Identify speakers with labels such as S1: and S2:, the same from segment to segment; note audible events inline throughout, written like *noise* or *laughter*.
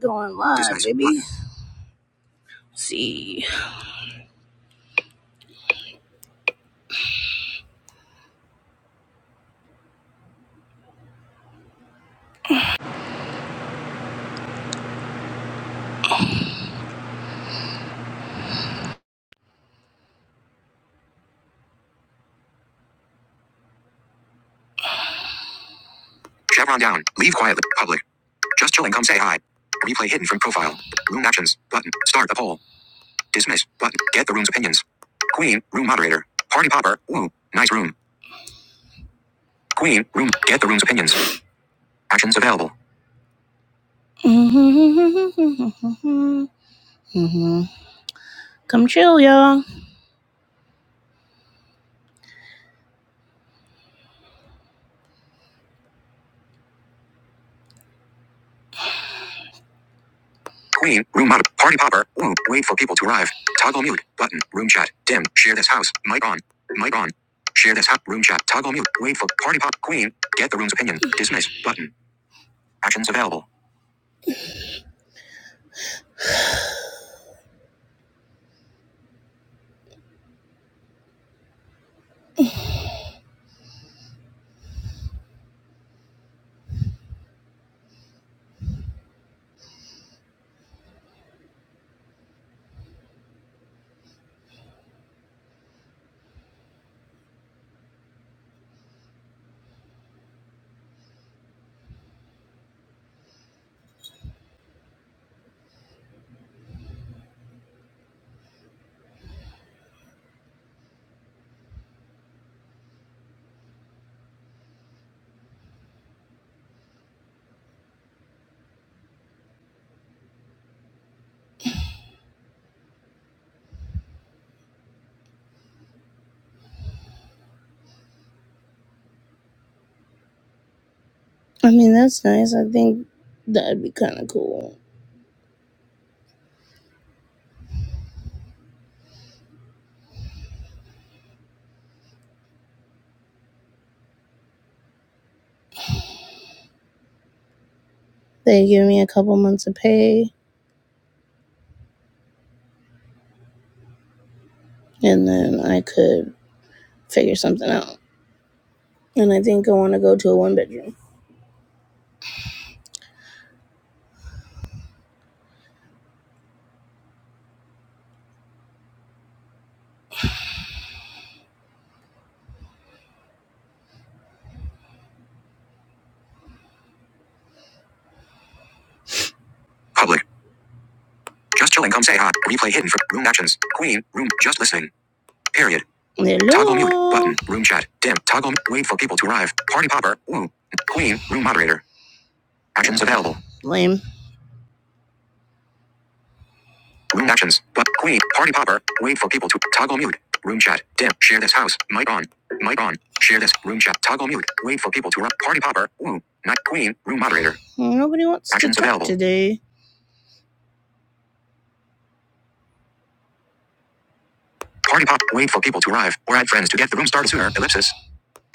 S1: Going live, baby. See. Chevron down. Leave quietly. Public. Just chill and come say hi. Replay hidden from profile. Room actions. Button. Start the poll. Dismiss. Button. Get the room's opinions. Queen. Room moderator. Party popper. Woo. Nice room. Queen. Room. Get the room's opinions. Actions available. *laughs* Mhm. Come chill, y'all. Queen, room mod, party popper, whoop, wait for people to arrive. Toggle mute, button, room chat, dim, share this house, mic on, mic on. Share this house, room chat, toggle mute, wait for party pop, queen, get the room's opinion, dismiss, button, actions available. I mean, that's nice. I think that'd be kind of cool. They give me a couple months of pay, and then I could figure something out. And I think I want to go to a one bedroom. Public, just chilling, come say hi, replay hidden for room actions, queen, room, just listening. Period. Hello. Toggle mute button. Room chat. Dim. Toggle. Wait for people to arrive. Party popper. Woo. Queen. Room moderator. Actions available. Lame. Room actions. But queen. Party popper. Wait for people to toggle mute. Room chat. Dim. Share this house. Mic on. Mic on. Share this. Room chat. Toggle mute. Wait for people to arrive. Party popper. Woo. Not queen. Room moderator. Nobody wants actions to talk available. today. Party pop. Wait for people to arrive or add friends to get the room started sooner. Ellipsis.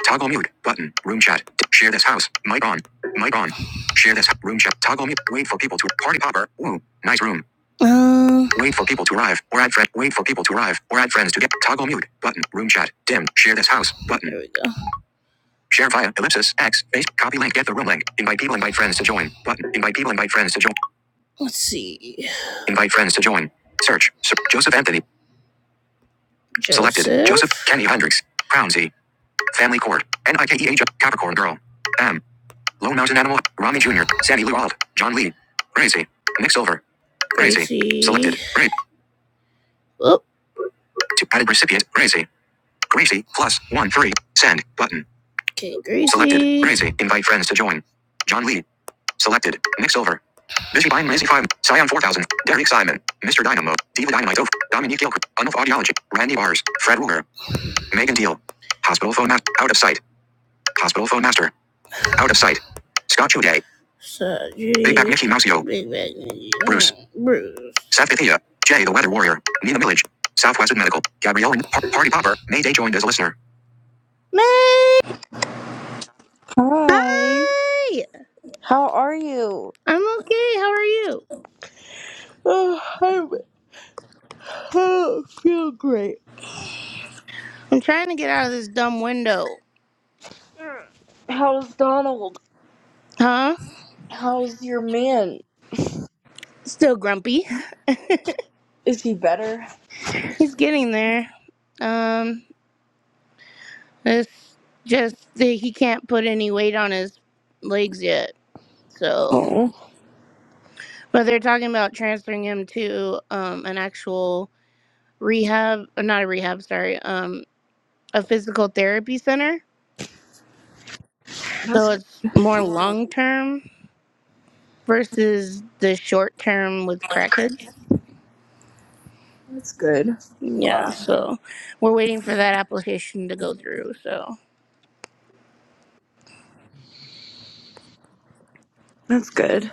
S1: Toggle mute button. Room chat. Share this house. Mic on. Mic on. Share this room chat. Toggle mute. Wait for people to party popper. Woo. Nice room. Uh. Wait for people to arrive or add friend. Wait for people to arrive or add friends to get toggle mute button. Room chat. Dim. Share this house button. There we go. Share via ellipsis x face copy link. Get the room link. Invite people. Invite friends to join button. Invite people. Invite friends to join. Let's see. Invite friends to join. Search. Sir Joseph Anthony. Selected. Joseph. Selected Joseph Kenny Hendricks. Crown Z. Family Court. N I K E H. Capricorn Girl. M. Lone Mountain Animal. Ronnie Jr. Sandy Lou Wild. John Lee. Gracie. Nick Silver. Gracie. Selected. Gracie. Great. Oh, To added recipient. Gracie. Gracie. Plus one three. Send button. okay, Gracie. Selected. Gracie. Invite friends to join. John Lee. Selected. Nick Silver. Busy Buying Lazy Five. Scion 4000. Derek Simon. Mr. Dynamo. Diva Dynamite. Dominique Gilk. Unof Audiology. Randy Bars. Fred Ruger. Megan Deal. Hospital Phone Master. Out of sight. Hospital Phone Master. Out of sight. Scott Day. Big Mac Mickey Mouse Bruce. Bruce. Seth Vithia. Jay the Weather Warrior. Nina Millage. Southwestern Medical. Gabrielle and Par- Party Popper. Mayday joined as a listener. May!
S2: Hi,
S1: Hi!
S2: how are you?
S1: I'm okay. How are you?
S2: Uh, I'm, I don't feel great.
S1: I'm trying to get out of this dumb window.
S2: How's Donald?
S1: Huh?
S2: How's your man?
S1: Still grumpy.
S2: Is he better?
S1: He's getting there. Um, it's just that he can't put any weight on his legs yet. So.
S2: Oh,
S1: But they're talking about transferring him to um, an actual rehab, uh, not a rehab, sorry, um, a physical therapy center. So
S2: that's
S1: it's more long term versus the short term with crackheads.
S2: that's good. I'm
S1: Yeah,
S2: glad.
S1: so we're waiting for that application to go through. So,
S2: That's good.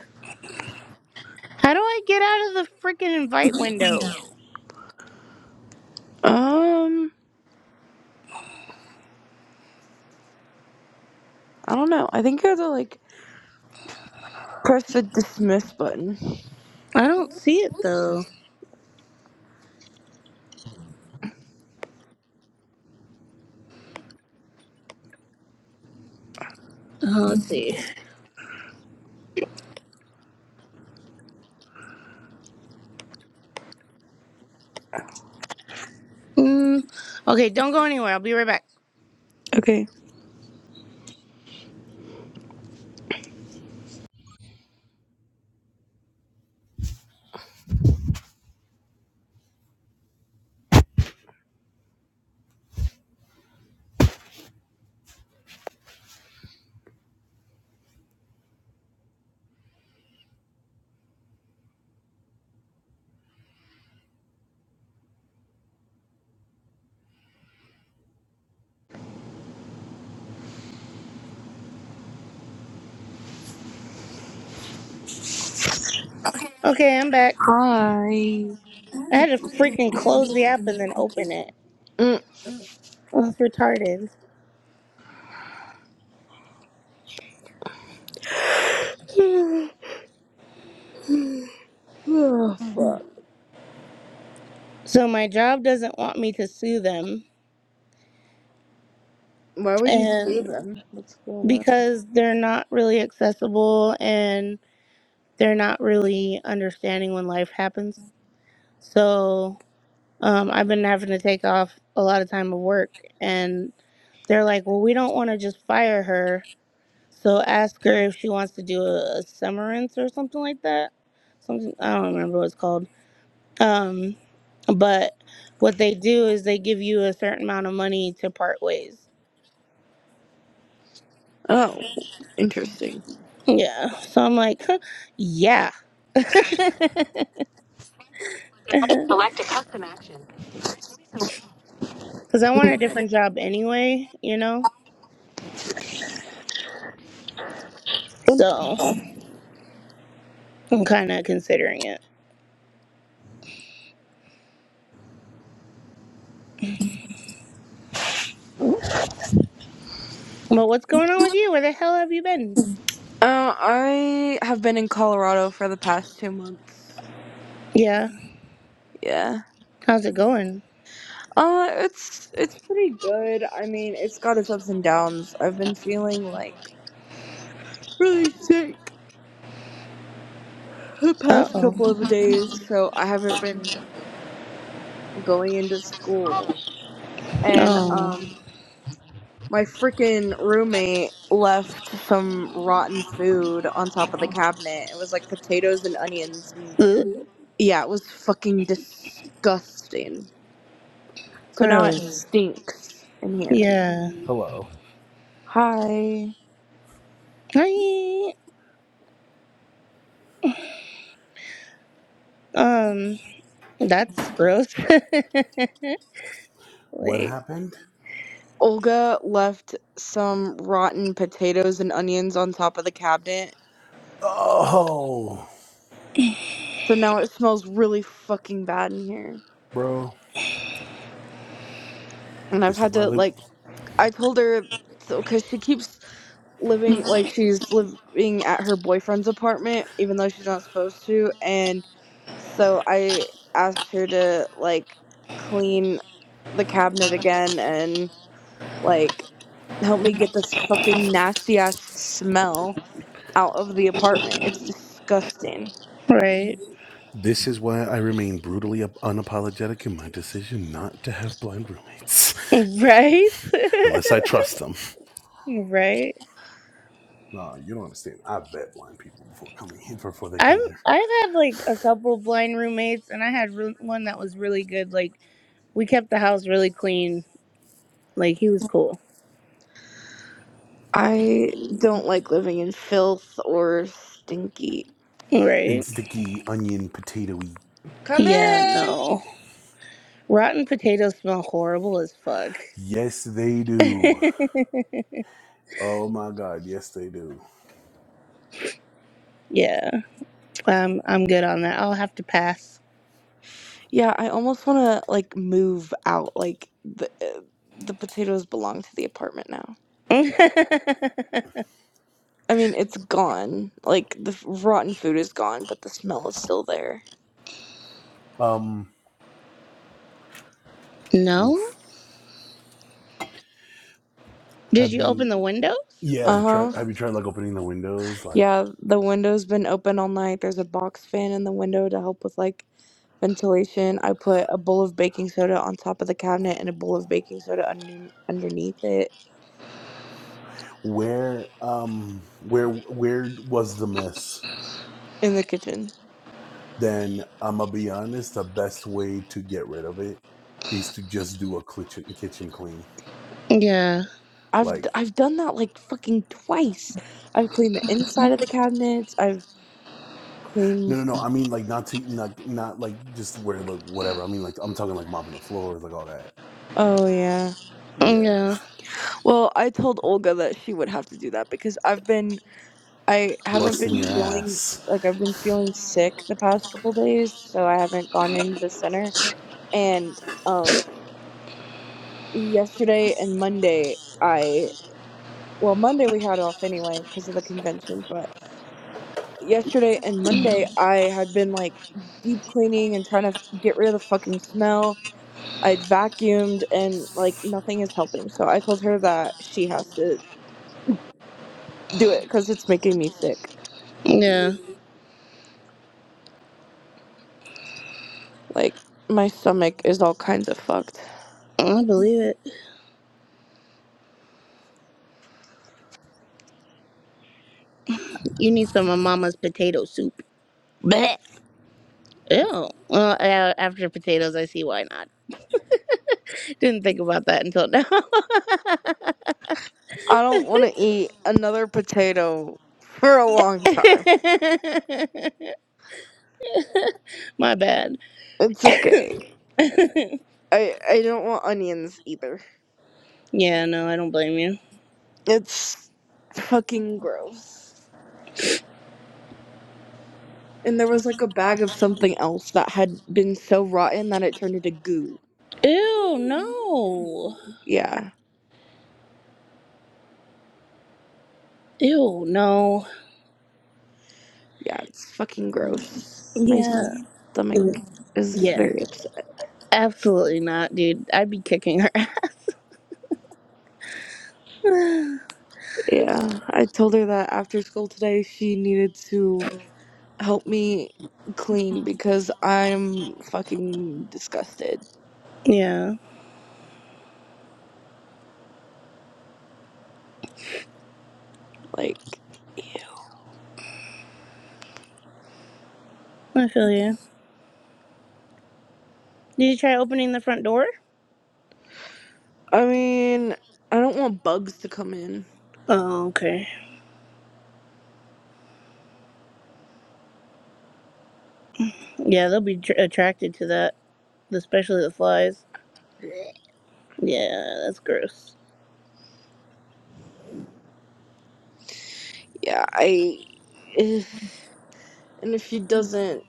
S1: how do I get out of the freaking invite window?
S2: Um, I don't know. I think you have to like press the dismiss button.
S1: I don't see it though. Oh, let's see. Mm, okay, don't go anywhere. I'll be right back.
S2: Okay.
S1: Okay, I'm back.
S2: Hi.
S1: I had to freaking close the app and then open it.
S2: Mm.
S1: Well, it's retarded.
S2: *sighs* Oh, fuck.
S1: So my job doesn't want me to sue them,
S2: Why would you see
S1: and
S2: them? What's going on?
S1: because they're not really accessible and they're not really understanding when life happens. So um, I've been having to take off a lot of time of work, and they're like, "Well, we don't want to just fire her, so ask her if she wants to do a, a severance or something like that." Something I don't remember what it's called. Um, but what they do is they give you a certain amount of money to part ways.
S2: Oh, interesting.
S1: Yeah. So I'm like, huh, yeah. *laughs* Because I want a different job anyway, you know? So I'm kind of considering it. But what's going on with you? Where the hell have you been?
S2: Uh, I have been in Colorado for the past two months.
S1: Yeah.
S2: Yeah.
S1: How's it going?
S2: Uh, it's it's pretty good. I mean, it's got its ups and downs. I've been feeling like really sick the
S1: Uh
S2: past
S1: oh.
S2: couple of days, so I haven't been going into school. And
S1: Oh.
S2: um, my freaking roommate left some rotten food on top of the cabinet. It was like potatoes and onions, and
S1: Ugh,
S2: yeah, it was fucking disgusting. So now it
S1: Gross.
S2: stinks in here.
S1: Yeah.
S3: Hello.
S2: Hi.
S1: Hi. Um, that's gross. *laughs*
S3: What
S1: Wait.
S3: happened?
S2: Olga left some rotten potatoes and onions on top of the cabinet.
S3: Oh,
S2: So now it smells really fucking bad in here.
S3: bro.
S2: And I've
S3: This is
S2: had
S3: why I
S2: to,
S3: li-
S2: like, I told her, so, because she keeps living, like, she's living at her boyfriend's apartment, even though she's not supposed to. And so I asked her to, like, clean the cabinet again and. Like, help me get this fucking nasty ass smell out of the apartment. It's disgusting.
S1: Right.
S3: this is why I remain brutally unapologetic in my decision not to have blind roommates,
S1: Right?
S3: *laughs*
S1: *laughs*
S3: unless I trust them.
S1: Right.
S3: Nah, you don't understand. I vet blind people before coming here, before they
S1: I'm
S3: come here.
S1: I've had like a couple blind roommates and I had re- one that was really good. Like we kept the house really clean. Like he was cool.
S2: I don't like living in filth or stinky.
S3: In
S1: Right.
S3: sticky onion potatoy.
S2: Come
S1: Yeah,
S2: in.
S1: no. Rotten potatoes smell horrible as fuck.
S3: Yes, they do. Oh my god, yes they do.
S1: *laughs* yeah. Um I'm good on that. I'll have to pass.
S2: Yeah, I almost want to like move out. Like the uh, the potatoes belong to the apartment now.
S1: *laughs*
S2: I mean, it's gone. Like the f- rotten food is gone, but the smell is still there.
S3: Um,
S1: no?
S3: oof.
S1: Did
S3: Have
S1: you open
S3: you?
S1: the windows?
S3: Yeah, try.
S2: Uh-huh.
S3: Have you tried like opening the windows, like?
S2: Yeah, the window's been open all night. There's a box fan in the window to help with like ventilation, I put a bowl of baking soda on top of the cabinet and a bowl of baking soda under, underneath it.
S3: where um where where was the mess
S2: in the kitchen.
S3: then i'm gonna be honest the best way to get rid of it is to just do a kitchen kitchen clean
S1: Yeah.
S2: I've
S3: like
S2: d- I've done that like fucking twice. I've cleaned the inside of the cabinets. I've
S3: no
S2: cleaned.
S3: no no
S2: The-
S3: i mean like not to not not like just where the whatever i mean like i'm talking like mopping the floors like all that
S2: oh yeah.
S3: yeah
S1: Yeah.
S2: Well, I told Olga that she would have to do that because I've been I haven't
S3: busting
S2: been
S3: your
S2: feeling
S3: ass
S2: like I've been feeling sick the past couple days, so I haven't gone into the center. And um, yesterday and Monday, I well Monday we had off anyway because of the convention, but yesterday and Monday Mhm. I had been like deep cleaning and trying to get rid of the fucking smell. I'd vacuumed and like nothing is helping. So I told her that she has to do it because it's making me sick.
S1: Yeah.
S2: Like my stomach is all kinds of fucked.
S1: I believe it. You need some of mama's potato soup. Ew. Well, a- after potatoes, I see why not. *laughs* Didn't think about that until now.
S2: I don't want to eat another potato for a long time.
S1: *laughs* My bad.
S2: It's okay. I I don't want onions either.
S1: Yeah, no, I don't blame you.
S2: It's fucking gross. And there was like a bag of something else that had been so rotten that it turned into goo.
S1: Ew, no.
S2: Yeah.
S1: Ew, no.
S2: Yeah, it's fucking gross. My
S1: Yeah.
S2: stomach is
S1: Yeah.
S2: very upset.
S1: Absolutely not, dude. I'd be kicking her *laughs* ass. *sighs*
S2: Yeah. I told her that after school today she needed to help me clean because I'm fucking disgusted.
S1: yeah,
S2: Like,
S1: I feel you. Did you try opening the front door?
S2: I mean, I don't want bugs to come in.
S1: Oh, okay. Yeah, they'll be tr- attracted to that, especially the flies. Yeah, that's gross.
S2: Yeah, I. *sighs* And if she doesn't.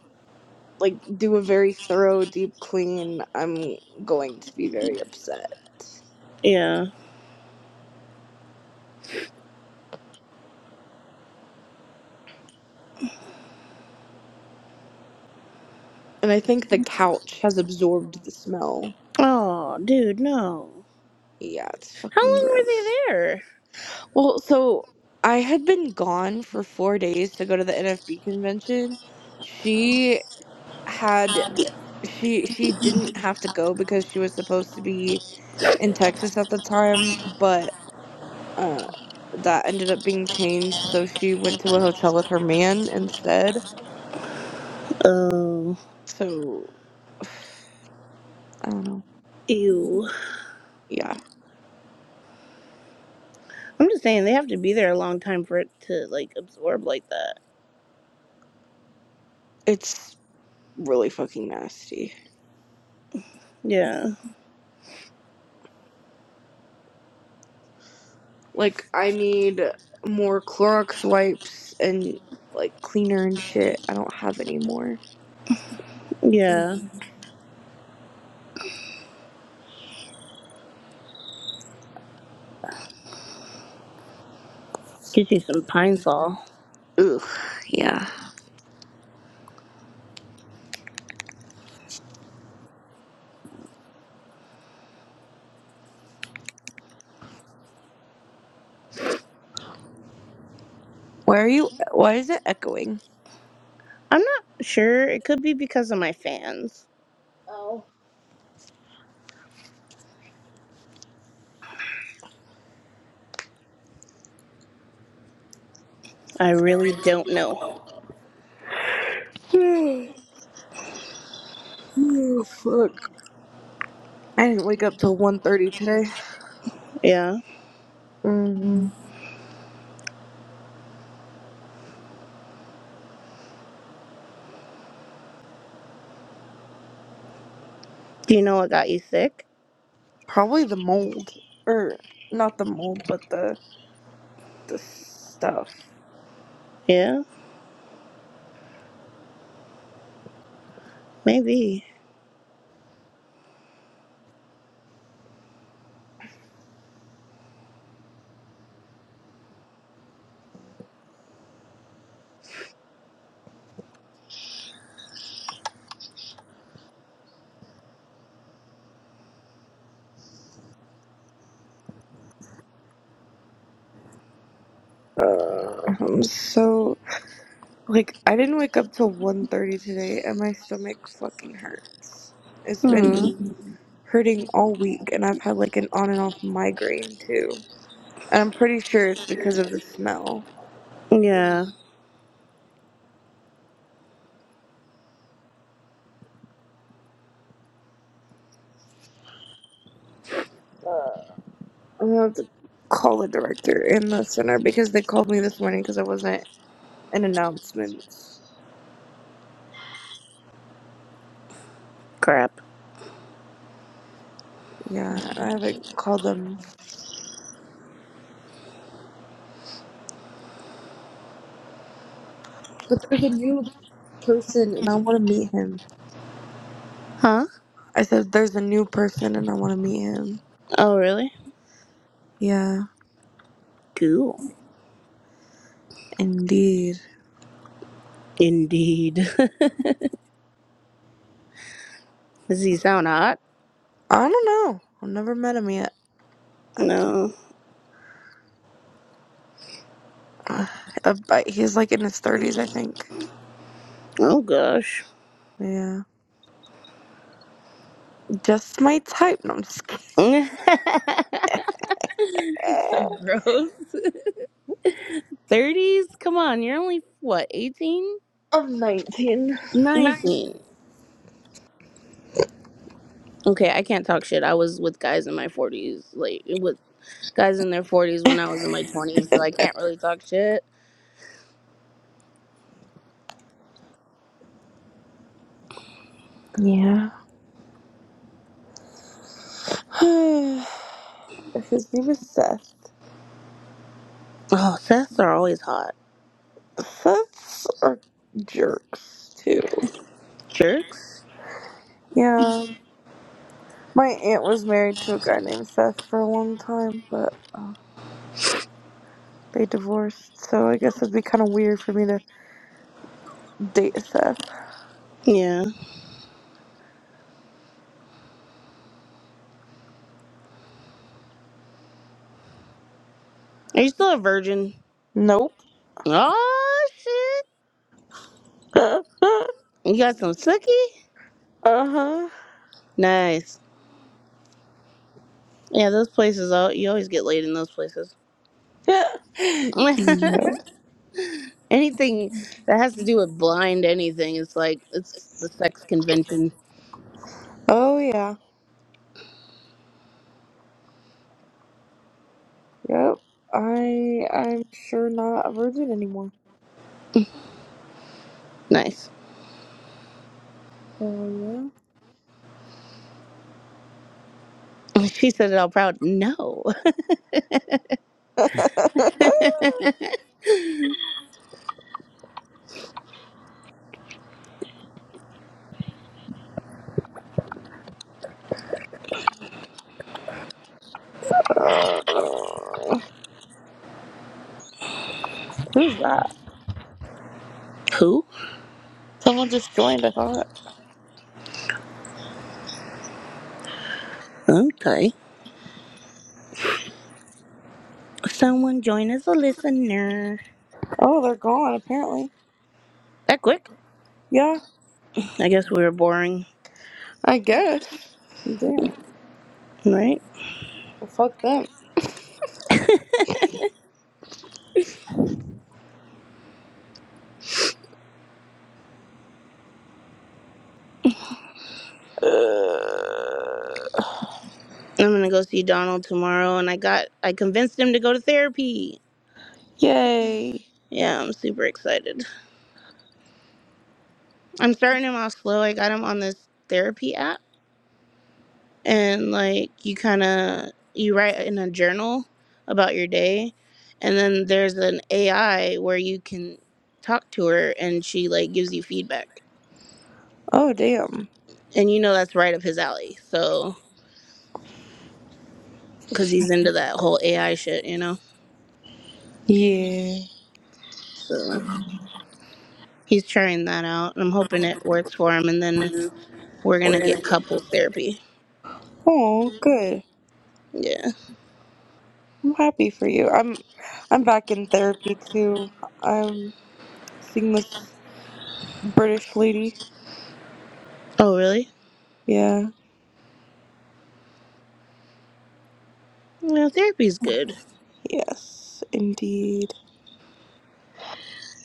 S2: like do a very thorough deep clean, I'm going to be very upset.
S1: Yeah.
S2: And I think the couch has absorbed the smell.
S1: Oh, dude, no.
S2: Yeah, it's
S1: How
S2: fucking
S1: long were they
S2: gross.
S1: there?
S2: Well, so I had been gone for four days to go to the NFB convention. She had she she didn't have to go because she was supposed to be in Texas at the time, but uh that ended up being changed, so she went to a hotel with her man instead.
S1: Oh,
S2: So I don't know.
S1: ew.
S2: Yeah,
S1: I'm just saying they have to be there a long time for it to like absorb like that.
S2: it's really fucking nasty.
S1: Yeah,
S2: Like, I need more Clorox wipes and like cleaner and shit. I don't have any more.
S1: yeah. Get you some Pine Sol.
S2: Ugh. Yeah. Why are you? Why is it echoing?
S1: I'm not sure. It could be because of my fans.
S2: Oh.
S1: I really don't know.
S2: *sighs* oh fuck. I didn't wake up till one thirty today.
S1: Yeah.
S2: hmm
S1: Do you know what got you sick?
S2: Probably the mold, or not the mold, but the the stuff.
S1: Yeah, maybe.
S2: Uh, I'm so Like I didn't wake up till one thirty today and my stomach fucking hurts. It's been
S1: Hmm.
S2: hurting all week and I've had like an on and off migraine too. And I'm pretty sure it's because of the smell.
S1: Yeah.
S2: I'm gonna have to call the director in the center because they called me this morning because I wasn't in announcements.
S1: Crap.
S2: Yeah, I haven't called them. But there's a new person and I want to meet him.
S1: Huh?
S2: I said there's a new person and I want to meet him.
S1: Oh, really?
S2: Yeah,
S1: Cool.
S2: indeed.
S1: Indeed. *laughs* Does he sound hot?
S2: I don't know. I've never met him yet.
S1: No.
S2: *sighs* Uh, but he's like in his thirties, I think.
S1: Oh gosh.
S2: Yeah, just my type. No, I'm just kidding.
S1: *laughs* You're so
S2: *laughs*
S1: gross. *laughs* 30s? Come on, you're only what, 18?
S2: I'm nineteen.
S1: 19. Okay, I can't talk shit. I was with guys in my 40s, like with guys in their 40s when I was in my 20s, so I can't really talk shit.
S2: Yeah. *sighs* If his name is Seth.
S1: Oh, seths are always hot.
S2: Seths are jerks too.
S1: Jerks?
S2: Yeah, my aunt was married to a guy named Seth for a long time, but uh, they divorced. So I guess it'd be kind of weird for me to date Seth.
S1: Yeah. Are you still a virgin?
S2: Nope.
S1: Oh, shit.
S2: *laughs* uh
S1: You got some sookie?
S2: huh.
S1: Nice. Yeah, those places, all, you always get laid in those places.
S2: Yeah.
S1: *laughs*
S2: No.
S1: Anything that has to do with blind anything is like it's the sex convention.
S2: Oh yeah. Yep. I I'm sure not a virgin anymore.
S1: Nice.
S2: Hell
S1: She said it all proud. No.
S2: yeah. *laughs*
S1: *laughs*
S2: Uh, who's that?
S1: Who?
S2: Someone just joined, I thought.
S1: Okay. Someone join as a listener.
S2: Oh, they're gone apparently.
S1: That quick?
S2: Yeah,
S1: I guess we were boring,
S2: I guess. Damn.
S1: right?
S2: Well fuck them. *sighs* Uh,
S1: I'm gonna go see Donald tomorrow, and I got I convinced him to go to therapy.
S2: yay.
S1: Yeah, I'm super excited. I'm starting him off slow. I got him on this therapy app. and like you kind of you write in a journal about your day and then there's an ai where you can talk to her and she like gives you feedback
S2: Oh damn.
S1: and you know that's right up his alley so because he's into that whole ai shit you know
S2: Yeah.
S1: so he's trying that out and i'm hoping it works for him and then we're gonna get couples therapy
S2: Oh, good.
S1: yeah
S2: I'm happy for you. I'm I'm back in therapy too. I'm seeing this British lady
S1: oh really
S2: Yeah.
S1: yeah therapy's good
S2: Yes, indeed.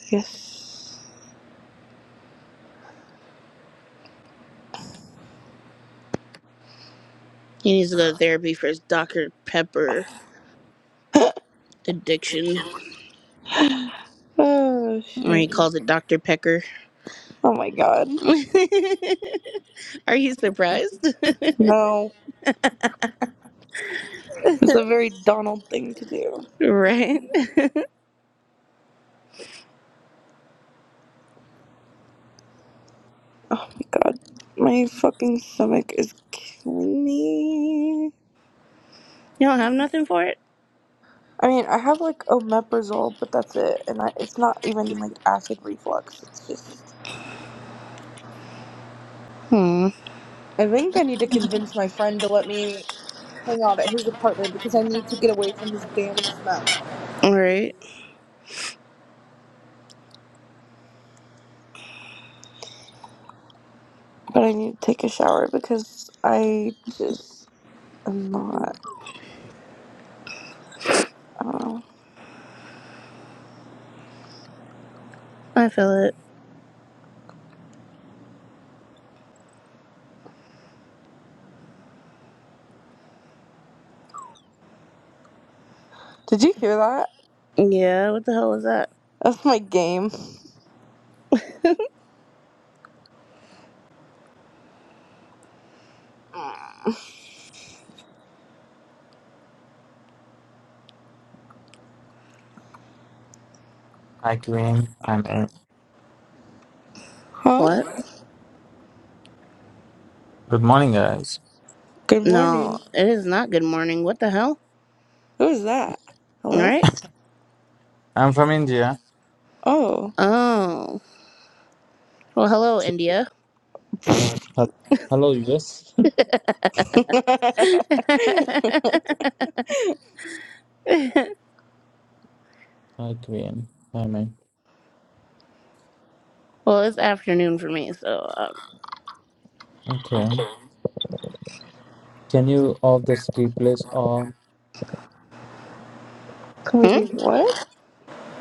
S2: Yes.
S1: he needs to go to therapy for his dr pepper
S2: *laughs*
S1: addiction
S2: oh,
S1: or he
S2: shit.
S1: calls it dr pecker
S2: Oh my god.
S1: *laughs* Are you surprised?
S2: No. It's a very Donald thing to do.
S1: *laughs* right?
S2: Oh my god. My fucking stomach is killing me.
S1: You don't have nothing for it?
S2: I mean, I have like omeprazole, but that's it. And I, it's not even like acid reflux. It's just.
S1: Hmm.
S2: I think I need to convince my friend to let me hang out at his apartment because I need to get away from this damn smell.
S1: Right.
S2: But I need to take a shower because I just am not. Uh,
S1: I feel it.
S2: did you hear that?
S1: Yeah, what the hell was that?
S2: That's my game. *laughs*
S4: Hi, Queen. I'm in.
S2: Huh?
S1: What?
S4: Good morning, guys.
S2: Good
S1: No,
S2: morning.
S1: it is not good morning. What the hell?
S2: Who is that? Hello?
S1: Right?
S4: I'm from India.
S2: Oh.
S1: Oh. Well, hello,
S4: Ch-
S1: India.
S4: hel- Hello, US.
S2: *laughs* Can
S1: *laughs* well,
S4: *laughs* Hi, Queen. Hi, man.
S1: it's afternoon for me, so. Um,
S4: Okay. Can you off this replace on?
S2: we do
S1: hmm?
S2: what?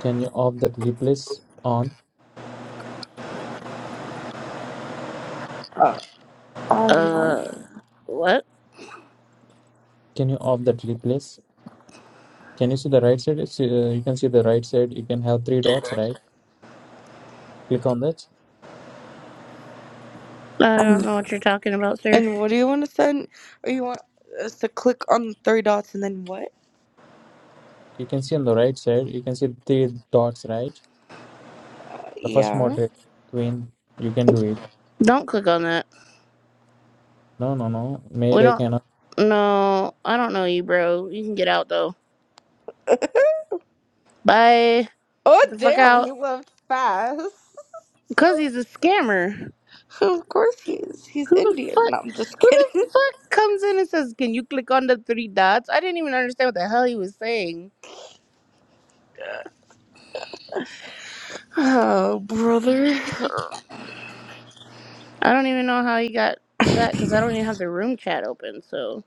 S4: Can you off that replace on?
S2: Uh, I have no
S1: Uh,
S2: idea.
S1: what?
S4: Can you off that replace? Can you see the right side? It's, uh, you can see the right side. You can have three dots, right? Click on that.
S1: I don't
S2: Um,
S1: know what you're talking about, sir.
S2: and what do you want to send? Or you want us to click on the three dots and then what?
S4: You can see on the right side. You can see three dots, right?
S2: Uh,
S4: The first
S2: Yeah.
S4: moderator, Queen. You can do it.
S1: Don't click on that.
S4: No, no, no.
S1: We
S4: Mayday
S1: don't.
S4: cannot.
S1: No, I don't know you, bro. You can get out, though.
S2: *laughs*
S1: Bye.
S2: Oh,
S1: Get the fuck
S2: damn,
S1: out.
S2: he left fast.
S1: Cause he's a scammer.
S2: *laughs* of course he is. He's
S1: Who the
S2: Indian.
S1: fuck?
S2: No, I'm just
S1: Who
S2: kidding.
S1: the fuck comes in and says, "Can you click on the three dots?" I didn't even understand what the hell he was saying.
S2: Oh, brother.
S1: I don't even know how he got that because I don't even have the room chat open, so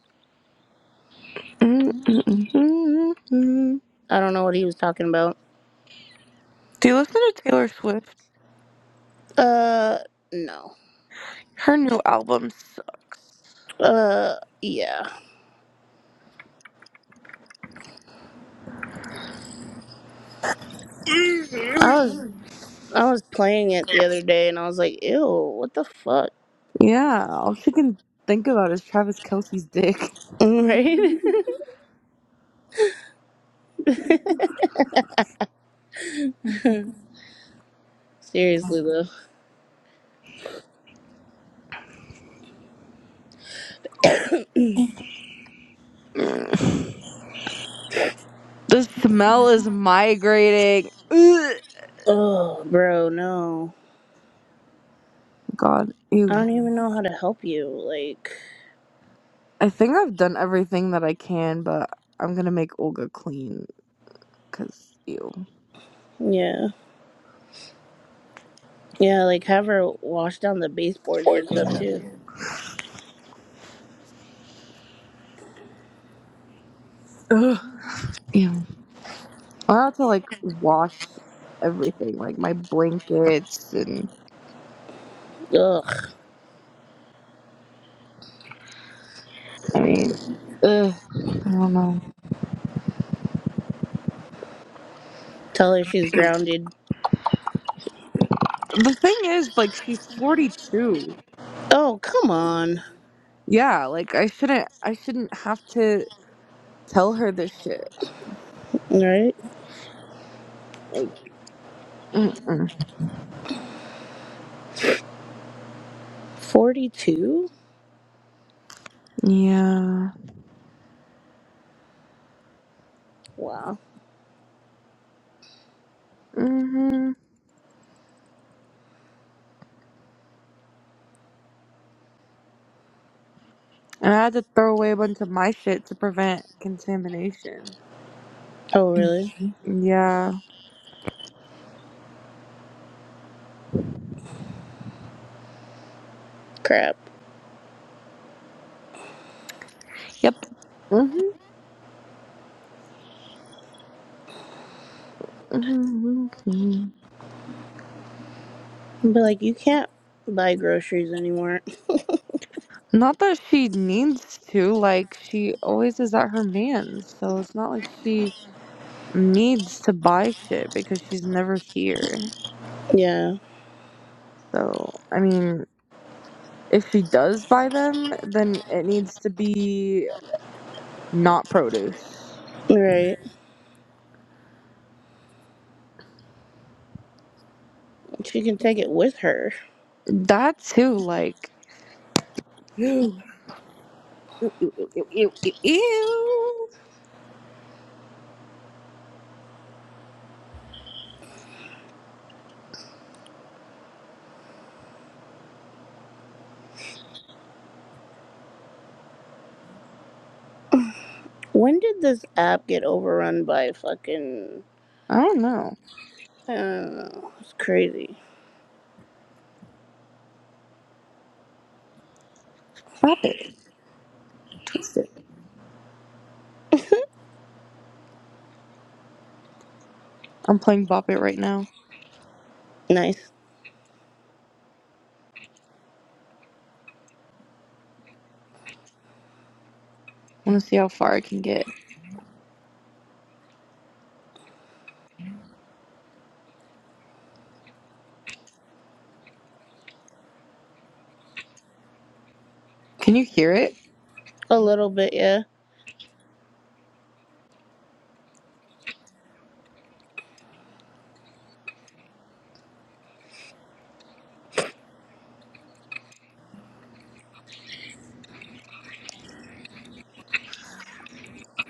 S2: Mm-mm-mm-mm-mm.
S1: I don't know what he was talking about.
S2: Do you listen to Taylor Swift?
S1: Uh, no.
S2: Her new album sucks.
S1: Uh, yeah. I was I was playing it the other day and I was like, "Ew, what the fuck?" *laughs*
S2: Yeah, all she can think about is Travis Kelsey's dick. *laughs*
S1: Right? *laughs* Seriously though.
S2: Mm. The smell is migrating. Ugh.
S1: Oh, bro, no.
S2: God,
S1: I
S2: ew.
S1: don't even know how to help you. Like,
S2: I think I've done everything that I can, but I'm gonna make Olga clean, cause ew.
S1: yeah. Yeah, like have her wash down the baseboards and
S2: Important.
S1: stuff too.
S2: Ugh. Ew. I have to like wash everything, like my blankets and
S1: Ugh.
S2: I mean, ugh, I don't know.
S1: Tell her she's grounded.
S2: The thing is, like, she's 42.
S1: Oh, come on.
S2: Yeah, like, I shouldn't, I shouldn't have to tell her this shit.
S1: Right?
S2: Like, mm-mm.
S1: 42?
S2: yeah.
S1: Wow.
S2: hmm And I had to throw away a bunch of my shit to prevent contamination.
S1: Oh, really?
S2: Yeah.
S1: Crap.
S2: Yep. hmm hmm hmm
S1: But like, you can't buy groceries anymore.
S2: Not that she needs to, like, she always is at her man's, so it's not like she needs to buy shit because she's never here.
S1: Yeah,
S2: So, I mean, if she does buy them, then it needs to be not produce.
S1: right. She can take it with her.
S2: That too, like, *gasps* ew, ew, ew, ew, ew, ew, ew.
S1: When did this app get overrun by fucking.
S2: I don't know.
S1: I don't know. It's crazy.
S2: Bop it. Twist it. I'm playing Bop It right now.
S1: Nice.
S2: I want to see how far I can get. Can you hear it?
S1: A little bit, yeah.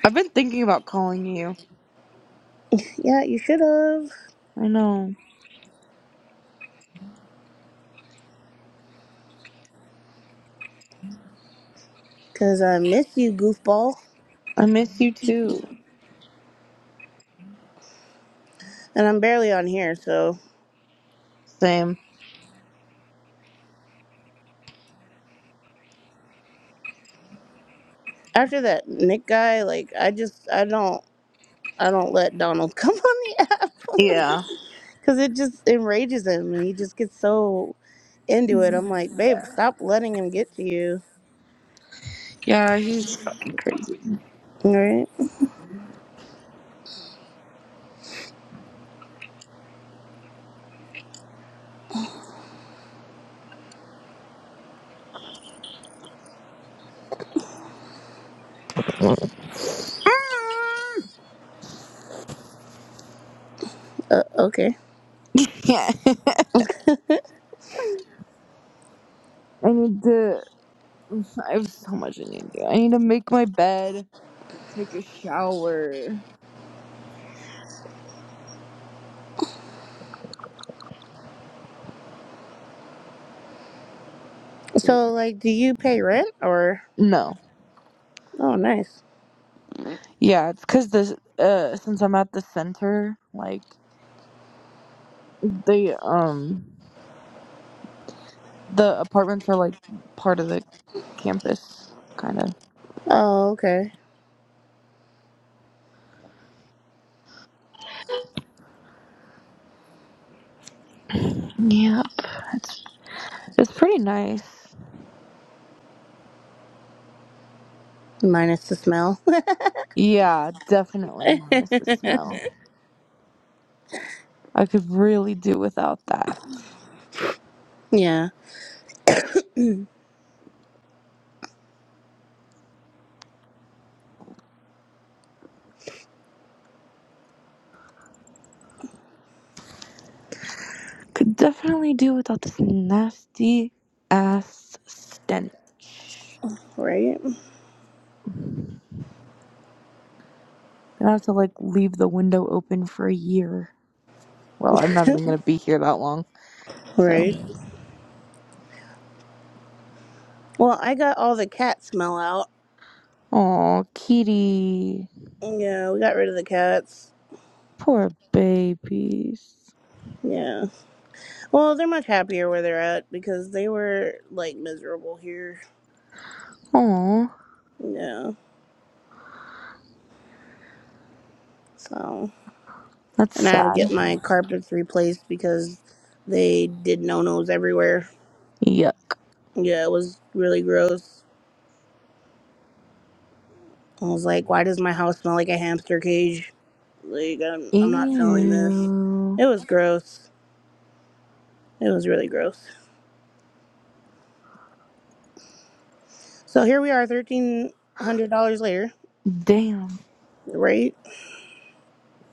S2: I've been thinking about calling you.
S1: Yeah, you should have.
S2: I know.
S1: Because I miss you, goofball.
S2: I miss you too.
S1: And I'm barely on here, so.
S2: Same.
S1: after that Nick guy, like I just I don't I don't let Donald *laughs* come on the app *laughs*
S2: Yeah.
S1: because it just enrages him and he just gets so into it. I'm like, babe, stop letting him get to you.
S2: Yeah, he's fucking crazy.
S1: All right,
S2: Mm,
S1: uh, okay.
S2: Yeah. *laughs* I need to. *laughs* I have so much I need to do. I need to make my bed, take a shower.
S1: So like, do you pay rent or?
S2: No.
S1: Oh, nice.
S2: Yeah, it's cuz this uh since I'm at the center, like they um the apartments are like part of the campus kind of.
S1: Oh, okay.
S2: Yep. It's it's pretty nice.
S1: Minus the smell.
S2: Yeah, definitely more miss the smell. I could really do without that.
S1: *laughs* yeah.
S2: Could definitely do without this nasty ass stench.
S1: Right.
S2: Gonna have to like leave the window open for a year. Well, I'm not even gonna be here that long. So,
S1: Right. Well, I got all the cat smell out.
S2: oh, kitty,
S1: Yeah, we got rid of the cats.
S2: poor babies.
S1: Yeah. Well, they're much happier where they're at because they were like miserable here
S2: Oh,
S1: Yeah. So,
S2: that's
S1: and I had to
S2: sad.
S1: get my carpets replaced because they did no nos everywhere.
S2: Yuck.
S1: Yeah, it was really gross. I was like, why does my house smell like a hamster cage? Like, I'm, I'm not feeling this.
S2: Ew.
S1: It was gross. It was really gross. So here we are, thirteen hundred dollars later,
S2: Damn,
S1: right?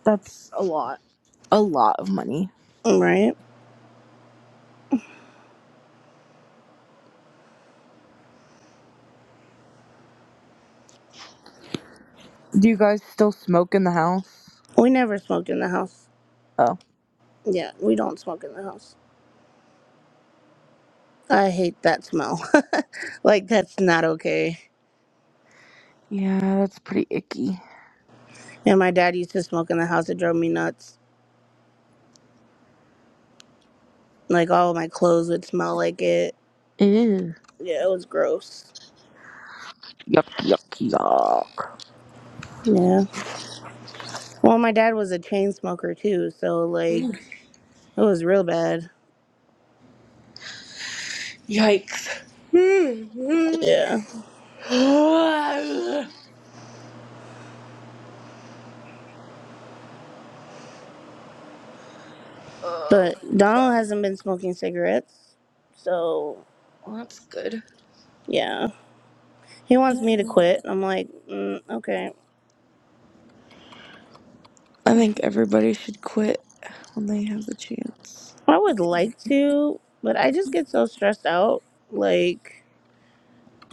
S2: that's a lot. A lot of money.
S1: Right.
S2: Do you guys still smoke in the house?
S1: We never smoked in the house.
S2: Oh,
S1: Yeah, we don't smoke in the house. I hate that smell. *laughs* like that's not okay.
S2: yeah, that's pretty icky.
S1: And my dad used to smoke in the house. It drove me nuts. Like all of my clothes would smell like it.
S2: Ew.
S1: Yeah, it was gross.
S2: Yuck, yuck,
S1: Yeah. Well, my dad was a chain smoker too, so
S2: yuck.
S1: like it was real bad.
S2: Yikes.
S1: Yeah.
S2: *sighs* oh, well,
S1: But Donald hasn't been smoking cigarettes, so
S2: that's good.
S1: yeah. He wants me to quit. I'm like, mm, okay.
S2: I think everybody should quit when they have the chance.
S1: I would like to, but I just get so stressed out. Like,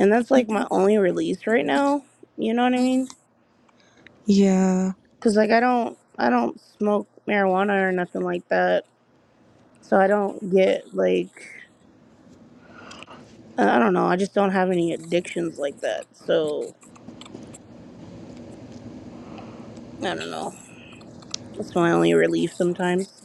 S1: and that's like my only release right now. You know what I mean?
S2: Yeah.
S1: Cause like I don't, I don't smoke marijuana or nothing like that. So I don't get like I don't know. I just don't have any addictions like that. So I don't know. That's my only relief sometimes.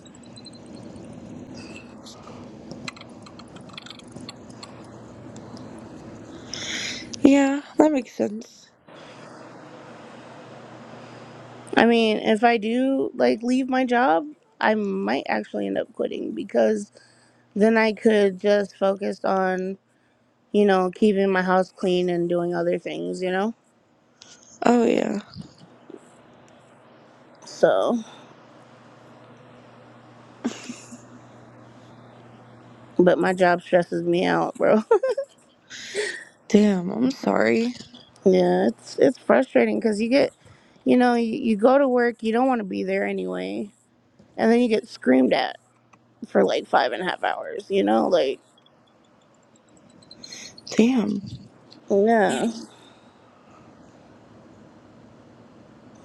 S2: Yeah, that makes sense.
S1: I mean, if I do like leave my job, I might actually end up quitting because then I could just focus on you know keeping my house clean and doing other things. You know.
S2: Oh, yeah.
S1: So, but my job stresses me out, bro.
S2: Damn, I'm sorry.
S1: *laughs* yeah, it's it's frustrating because you get, you know, you, you go to work, you don't want to be there anyway, and then you get screamed at for like five and a half hours, you know, like
S2: Damn.
S1: yeah.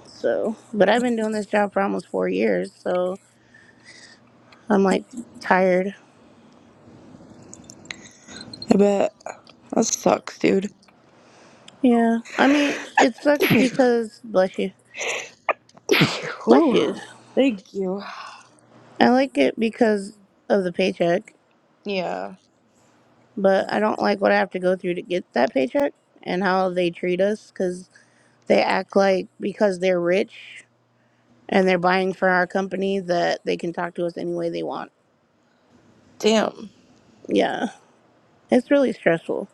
S1: So but I've been doing this job for almost four years, so I'm like tired.
S2: I bet. That sucks, dude.
S1: Yeah. I mean, it sucks
S2: *laughs*
S1: because bless you. Bless
S2: Whew.
S1: you.
S2: Thank you.
S1: I like it because of the paycheck,
S2: Yeah.
S1: but I don't like what I have to go through to get that paycheck and how they treat us cuz they act like because they're rich and they're buying for our company that they can talk to us any way they want.
S2: Damn.
S1: Yeah. It's really stressful.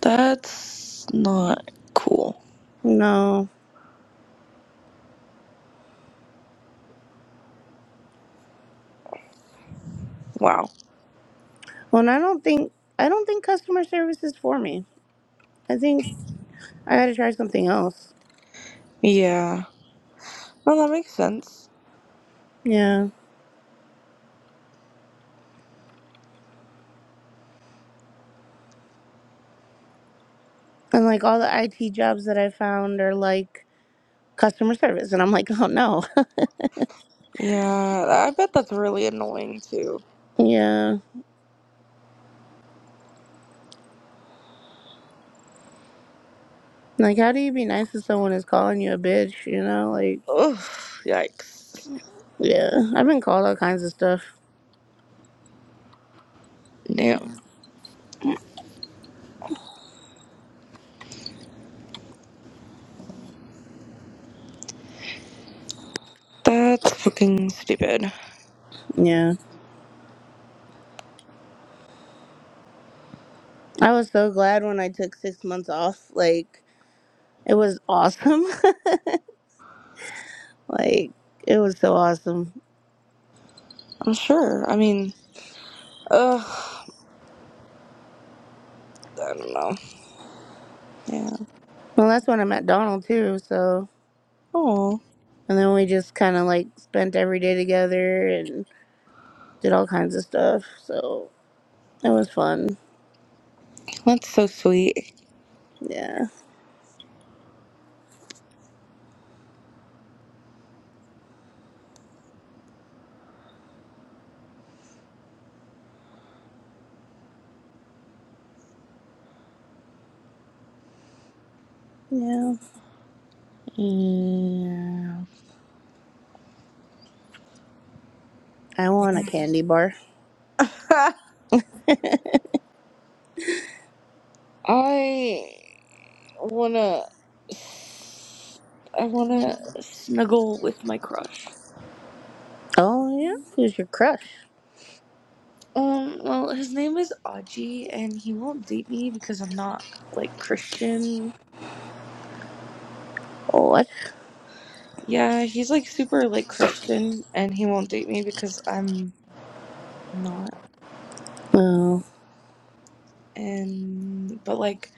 S2: That's not cool.
S1: No.
S2: Wow.
S1: Well, and I don't think I don't think customer service is for me. I think I got to try something else.
S2: Yeah. Well, that makes sense.
S1: Yeah, and like all the IT jobs that I found are like customer service, and I'm like, oh no. *laughs*
S2: Yeah, I bet that's really annoying too.
S1: Yeah, like how do you be nice to someone who's calling you a bitch? You know, like
S2: Ugh, yikes.
S1: yeah, I've been called all kinds of stuff.
S2: Damn. That's fucking stupid.
S1: Yeah, I was so glad when I took six months off. Like it was awesome. *laughs* like it was so awesome.
S2: I'm sure. I mean, ugh, I don't know. Yeah.
S1: Well, that's when I met Donald too. So.
S2: Oh,
S1: And then we just kind of like spent every day together and did all kinds of stuff. So it was fun.
S2: that's so sweet.
S1: Yeah. Yeah.
S2: Yeah.
S1: I want a candy bar.
S2: *laughs* I wanna. I wanna snuggle with my crush.
S1: Oh, yeah. Who's your crush?
S2: Um, well, his name is Aji, and he won't date me because I'm not, like, Christian.
S1: What?
S2: Yeah, he's, like, super, like, Christian, and he won't date me because I'm not
S1: Oh.
S2: and but like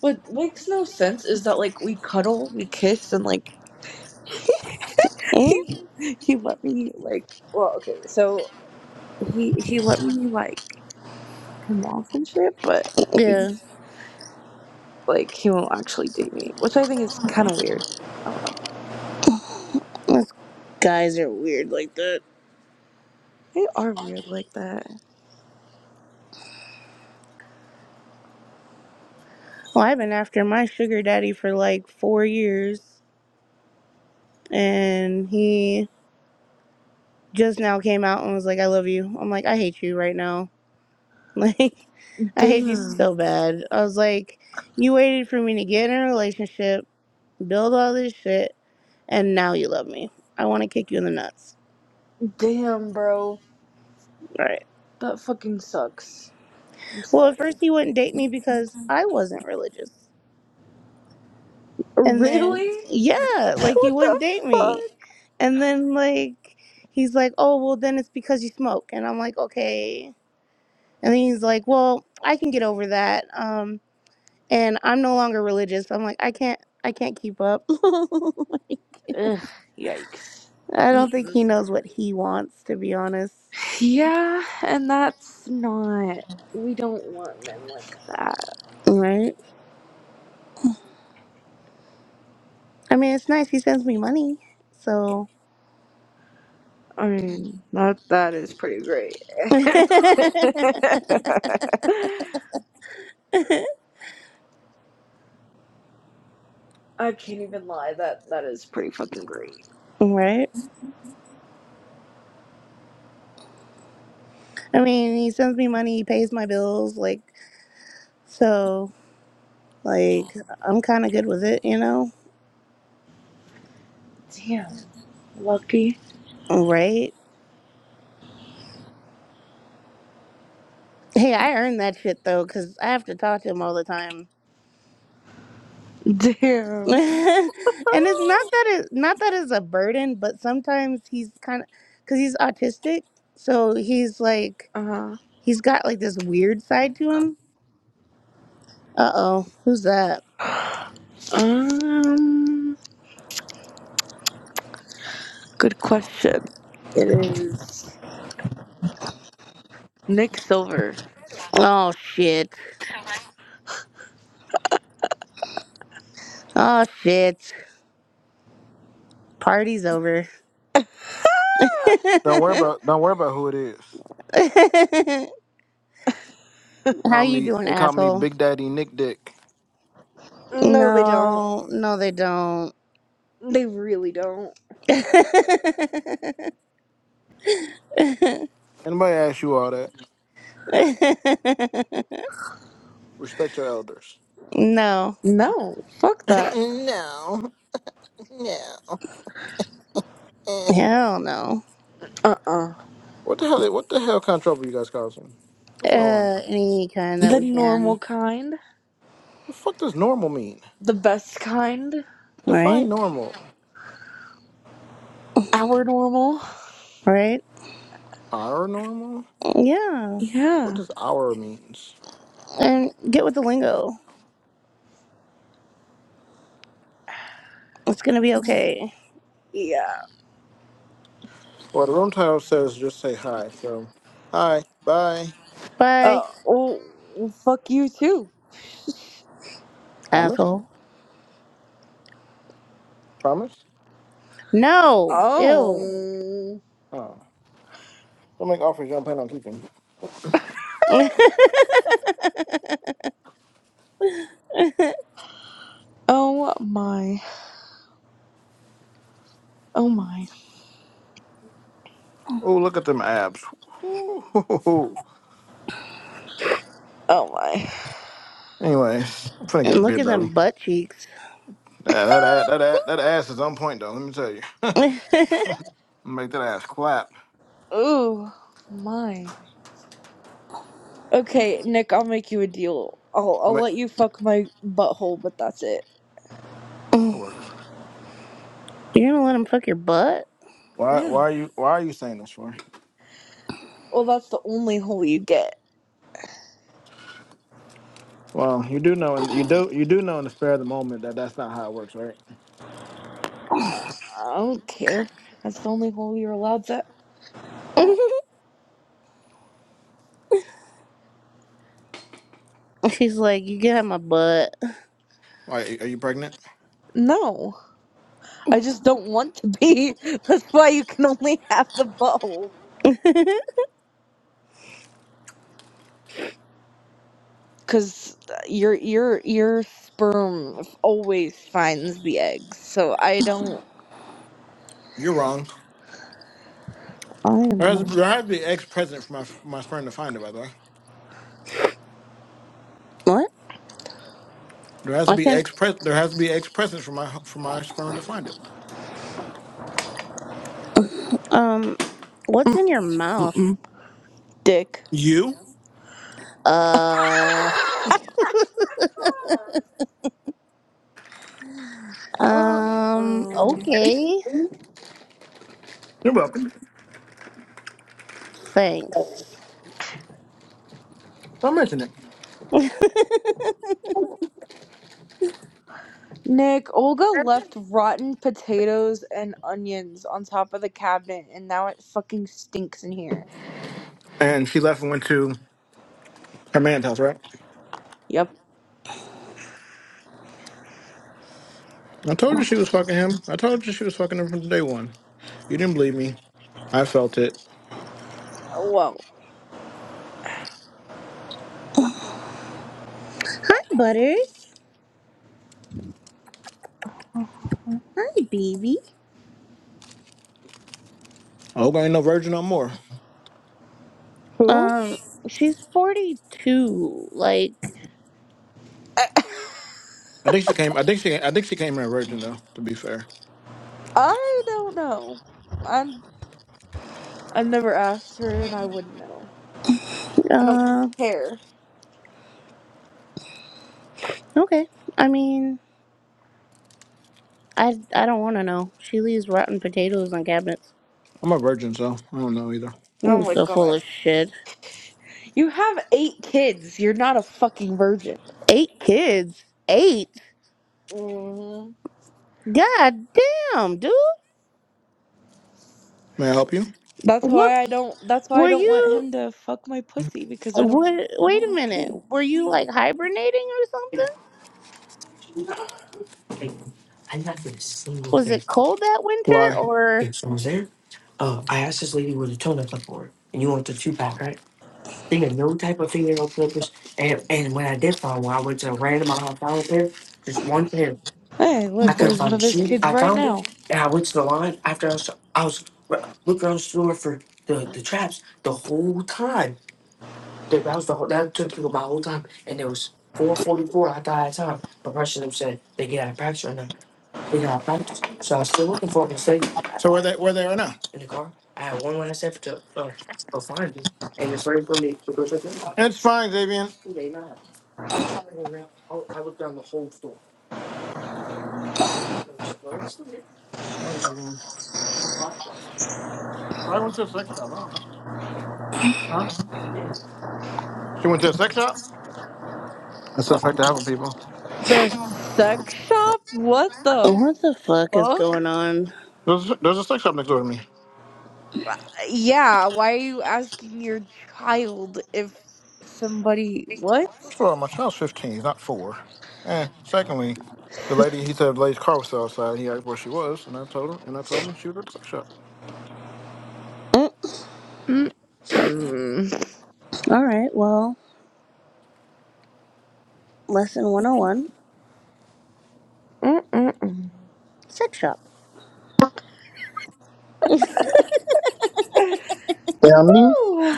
S2: what makes no sense is that like we cuddle we kiss and like *laughs* he
S1: Mm,
S2: he let me like well okay so he he let me like fuck him off and shit but
S1: Yeah.
S2: he's like he won't actually date me which i think is kind of weird i don't know
S1: Those guys are weird like that.
S2: they are weird like that
S1: Well, I've been after my sugar daddy for like four years. And he just now came out and was like, I love you. I'm like, I hate you right now. *laughs* Like, I hate you
S2: damn
S1: so bad. I was like, you waited for me to get in a relationship, build all this shit, and now you love me. I want to kick you in the nuts.
S2: damn bro
S1: Right.
S2: that fucking sucks i'm
S1: Well, at
S2: sorry
S1: first he wouldn't date me because I wasn't religious. And then,
S2: really
S1: yeah,
S2: *laughs*
S1: like he
S2: what the
S1: wouldn't date me.
S2: fuck
S1: And then, like, he's like, oh, well, then it's because you smoke. And I'm like, okay. And then he's like, well, I can get over that. Um, and I'm no longer religious. I'm like, I can't, I can't keep up. *laughs*
S2: Ugh, yikes
S1: I don't think
S2: Mm-mm.
S1: he knows what he wants, to be honest.
S2: Yeah, and that's not. We don't want men like that.
S1: Right? I mean, it's nice. He sends me money. So,
S2: I mean, that that is pretty great.
S1: *laughs*
S2: *laughs*
S1: right?
S2: I can't even lie. That that is pretty fucking great.
S1: I mean, he sends me money. He pays my bills. Like, so, like, I'm kind of good with it, you know?
S2: Damn, lucky.
S1: Right? Hey, I earn that shit though, because I have to talk to him all the time. *laughs*
S2: Damn.
S1: and it's not that it not that it's a burden, but sometimes he's kind of because he's autistic, so he's like
S2: Uh
S1: he's got like this weird side to him Uh oh, who's that?
S2: huh. Um. Good question. It is Nick Silver.
S1: Oh shit. Oh shit. Party's over.
S2: Uh,
S1: *laughs*
S5: Don't worry about don't worry about who it is.
S1: How
S5: Call
S1: you
S5: me
S1: doing,
S5: they call me
S1: asshole?
S5: Big Daddy Nick Dick.
S2: No, they don't.
S1: No, no, they don't.
S2: They really don't.
S1: *laughs*
S5: Anybody ask you all that? Respect your elders.
S1: no,
S2: No, fuck
S5: *laughs*
S2: that.
S5: no. No. Eh.
S1: hell no.
S2: Uh uh.
S5: what the hell what the hell kind of trouble you guys causing? That's what I want to
S1: Uh,
S5: know.
S1: any kind that
S2: The
S1: we can,
S2: normal kind.
S5: The fuck does normal mean?
S2: The best kind.
S1: right?
S5: Define normal.
S2: Our normal.
S1: Right?
S5: Our normal?
S1: Yeah.
S5: What
S2: Yeah.
S5: does our means?
S1: And get with the lingo. It's gonna be okay.
S2: Yeah.
S5: Well the room title says just say hi, so hi, bye.
S1: Bye,
S2: Oh, well, fuck you too.
S5: Promise?
S1: asshole.
S5: Promise?
S1: No, ew.
S2: Oh.
S5: Oh. Don't make offers you don't plan on keeping.
S1: *laughs*
S2: Oh my. Oh my.
S5: Oh look at them abs. *laughs*
S2: Oh my.
S5: Anyways, I'm trying to get
S1: And
S5: a
S1: look
S5: beer
S1: at them
S5: belly.
S1: butt cheeks.
S5: That that that that, that ass is on point though. Let me tell you,
S1: *laughs* You're
S5: make that ass clap.
S2: *sighs* Ooh. My. Okay, Nick, I'll make you a deal. I'll,
S5: You
S2: I'll
S5: Make,
S2: let you fuck my butthole, but that's it.
S5: that works.
S1: gonna let him fuck your butt?
S5: Why why
S2: Yeah.
S5: are you why are you saying this for?
S2: Well, that's the only hole you get.
S5: Well, you do know, and you do you do know in the spare of the moment that that's not how it works, right?
S2: Uh, I don't care. That's the only hole you're allowed to.
S1: *laughs* She's like, you get out my butt.
S5: Why are you pregnant?
S2: No. I just don't want to be. *laughs* That's why you can only have the bow. Cause your your your sperm always finds the eggs. So I don't.
S5: You're wrong.
S2: I
S5: There
S2: am
S5: has to
S2: not.
S5: be, there has to be ex president for my my sperm to find it. By the way,
S1: What?
S5: there has to
S1: I
S5: be
S1: can.
S5: ex pres there has to be ex president for my for my sperm to find it.
S1: Um, what's
S2: Mm,
S1: in your
S2: mm,
S1: mouth?
S2: mm. Dick.
S5: You.
S2: *laughs*
S1: Uh. Um.
S2: Uh-uh.
S1: Okay.
S5: You're welcome.
S1: Thanks.
S5: Don't mention it.
S2: Nick, Olga left rotten potatoes and onions on top of the cabinet, and now it fucking stinks in here.
S5: And she left and went to her man's house, right?
S2: Yep.
S5: I told you she was fucking him. I told you she was fucking him from day one. You didn't believe me. I felt it.
S2: Whoa.
S1: Hi, Butters. Hi, baby.
S5: Olga ain't no virgin no more.
S2: who?
S1: Um. She's forty-two. Like.
S2: *laughs* I
S5: I think she came. I think she. I think she came in a virgin though. To be fair,
S2: I don't know. I'm. i never asked her, and I wouldn't know. I don't
S1: Uh.
S2: care.
S1: Okay. I mean, I I don't want to know. She leaves rotten potatoes on cabinets.
S5: I'm a virgin, so I don't know either.
S2: Oh
S1: Mm,
S2: my
S1: so full
S2: god.
S1: of shit.
S2: You have eight kids. You're not a fucking virgin.
S1: Eight kids. Eight.
S2: hmm
S1: God damn, dude.
S5: May I help you?
S2: That's
S1: What
S2: why I don't. That's why I
S1: were
S2: don't want
S1: you?
S2: him to fuck my pussy because I don't.
S1: What?
S2: I
S1: Wait
S2: don't
S1: a
S2: want
S1: minute.
S2: kids.
S1: Were you like hibernating or something? Was it cold that winter
S5: Why?
S1: or?
S2: Hey, look, there's one of his kids right now.
S5: So where they where they are now? It's fine, Xavier. I went to a sex shop. I don't know. Huh? She went to a sex shop. That's the effect of having people.
S2: The sex shop? What the
S1: What the fuck is
S2: fuck?
S1: going on?
S5: There's there's a sex shop next door to me.
S2: Uh, Yeah. Why are you asking your child if somebody what?
S5: First of all, my child's 15, he's not four. And secondly, the lady, he said the lady's car was still outside. He asked where she was, and I told him, and I told him she was at the sex shop.
S1: Mm,
S2: Mm mm
S1: all right. Well, lesson one hundred and one.
S2: mm
S1: Sex shop.
S5: Yeah, I mean,
S2: mm.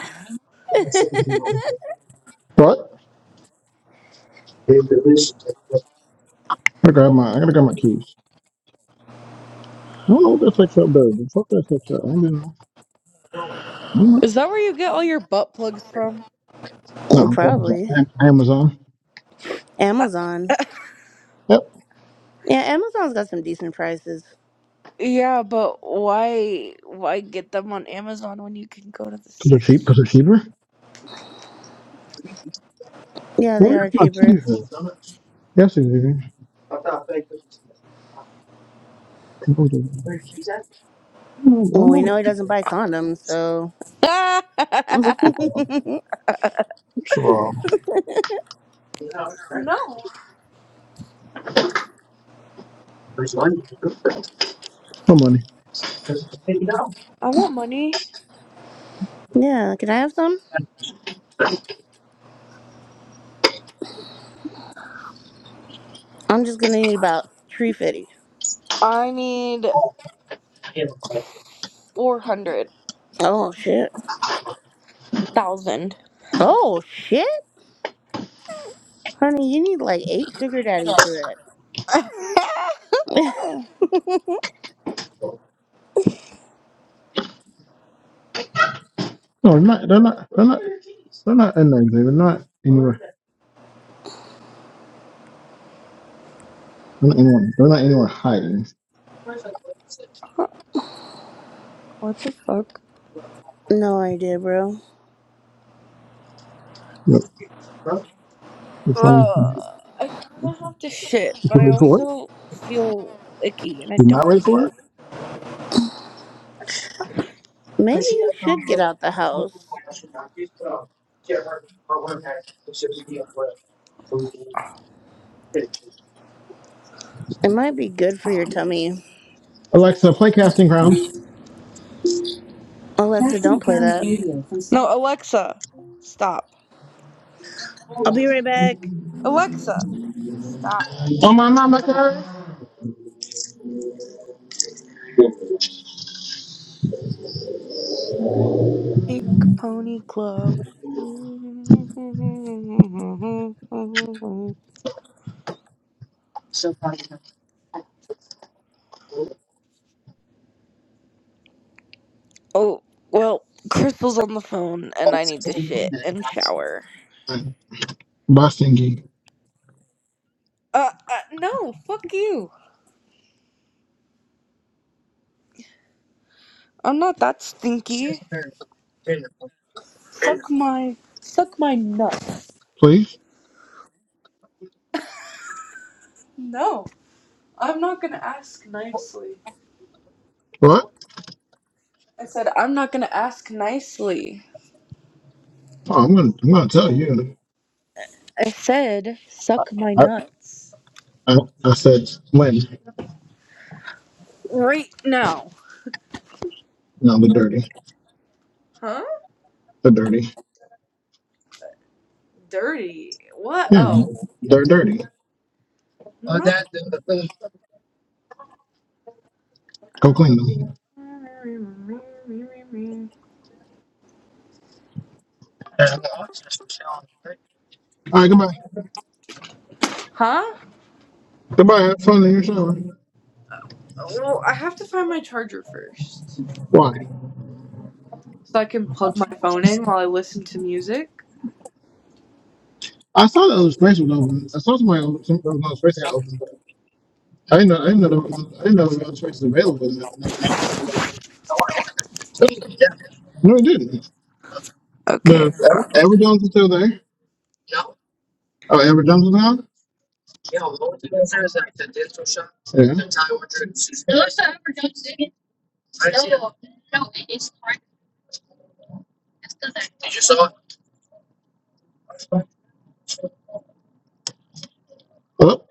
S5: what? I gotta grab my, I gotta grab my keys. I don't know what that sex shop does. but Fuck that sex shop. I ain't been there.
S2: Is that where you get all your butt plugs from?
S1: Mm,
S5: No, Amazon.
S1: Probably
S5: Am- Amazon.
S2: Uh,
S1: Amazon.
S2: *laughs*
S5: Yep,
S1: Yeah, Amazon's got some decent prices.
S2: yeah, but why why get them on Amazon when you can go to the
S5: because they're cheap,
S2: section?
S5: because they're cheaper.
S1: Yeah, they
S5: Where is
S1: are
S5: my
S1: cheaper.
S5: keys? at? Yes, it is. Can go to- I don't know.
S1: Well,
S5: I don't
S1: we
S5: know.
S1: know he doesn't buy condoms, so
S2: *laughs*
S5: First
S2: I
S5: of all, first of all, no money.
S2: want money.
S1: yeah. Can I have some? I'm just gonna need about three fifty.
S2: I need four hundred
S1: Oh shit.
S2: thousand.
S1: Oh shit, honey, you need like eight sugar daddies for that.
S2: *laughs*
S5: No, they're not. They're not. They're not. They're not in there. Xavier. They're not anywhere. They're not anywhere. They're not anywhere hiding.
S2: what the fuck?
S1: *laughs* no idea, bro.
S5: Yep. Your phone.
S2: Uh,
S5: You
S2: I kind of have to shit, but I
S5: ready for it?
S2: also feel icky, and I
S5: You're not
S2: don't want
S5: ready
S2: to
S5: for
S2: get up.
S5: it?
S1: Maybe you should get out the house. It might be good for your tummy.
S5: Alexa, play Casting Crowns.
S1: Alexa, don't play that.
S2: No, Alexa, stop.
S1: I'll be right back.
S2: Alexa, stop. Pink Pony Club. *laughs* Oh, well, Crystal's on the phone and I need to shit and shower.
S5: by singing,
S2: Uh, uh no, fuck you. I'm not that stinky. Suck my suck my nuts.
S5: please.
S2: No, I'm not going to ask nicely.
S5: What?
S2: I said I'm not going to ask nicely.
S5: Oh, I'm gonna, I'm gonna tell you.
S2: I said suck my
S5: I,
S2: nuts
S5: I, I said when.
S2: right now.
S5: No, the dirty,
S2: Huh?
S5: the dirty.
S2: Dirty. What?
S5: Yeah,
S2: Oh.
S5: they're dirty.
S2: No.
S5: Go clean them. All right, goodbye.
S2: Huh?
S5: Goodbye. Have fun in your shower.
S2: Well, I have to find my charger first.
S5: Why?
S2: So I can plug my phone in while I listen to music.
S5: I saw the other space was open. I saw somebody open, some there was another space that opened, but I didn't know. I didn't know. There was, I didn't know there was another space available. in that- in that- No, it didn't.
S2: Okay.
S5: The Edward
S2: found it.
S5: Edward Jones is still there. Oh, Amber Johnson now? Yeah. Oh.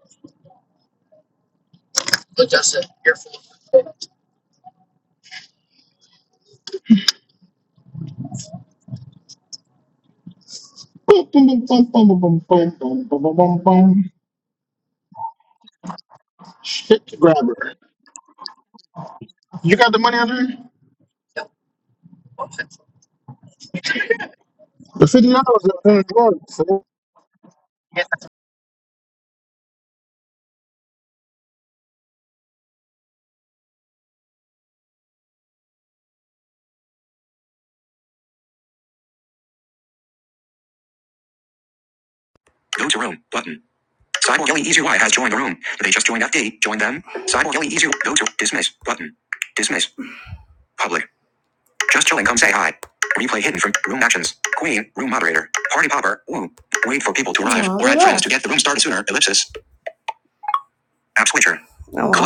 S5: Boom, boom, boom, boom, boom, boom, boom, boom, boom, boom, boom. boom, Shit grabber. You got the money out there? The $50 is in the drawer.
S1: Go to room button. Cyborg Ellie Easy Y has joined the room. They just joined FD. Join them. Cyborg Ellie Easy. Go to dismiss button. Dismiss. Public. Just chilling. Come say hi. Replay hidden from room actions. Queen. Room moderator. Party popper. Woo. Wait for people to arrive. Oh, Or they add yeah. friends to get the room started sooner. Ellipsis. App switcher. Oh, well. Club.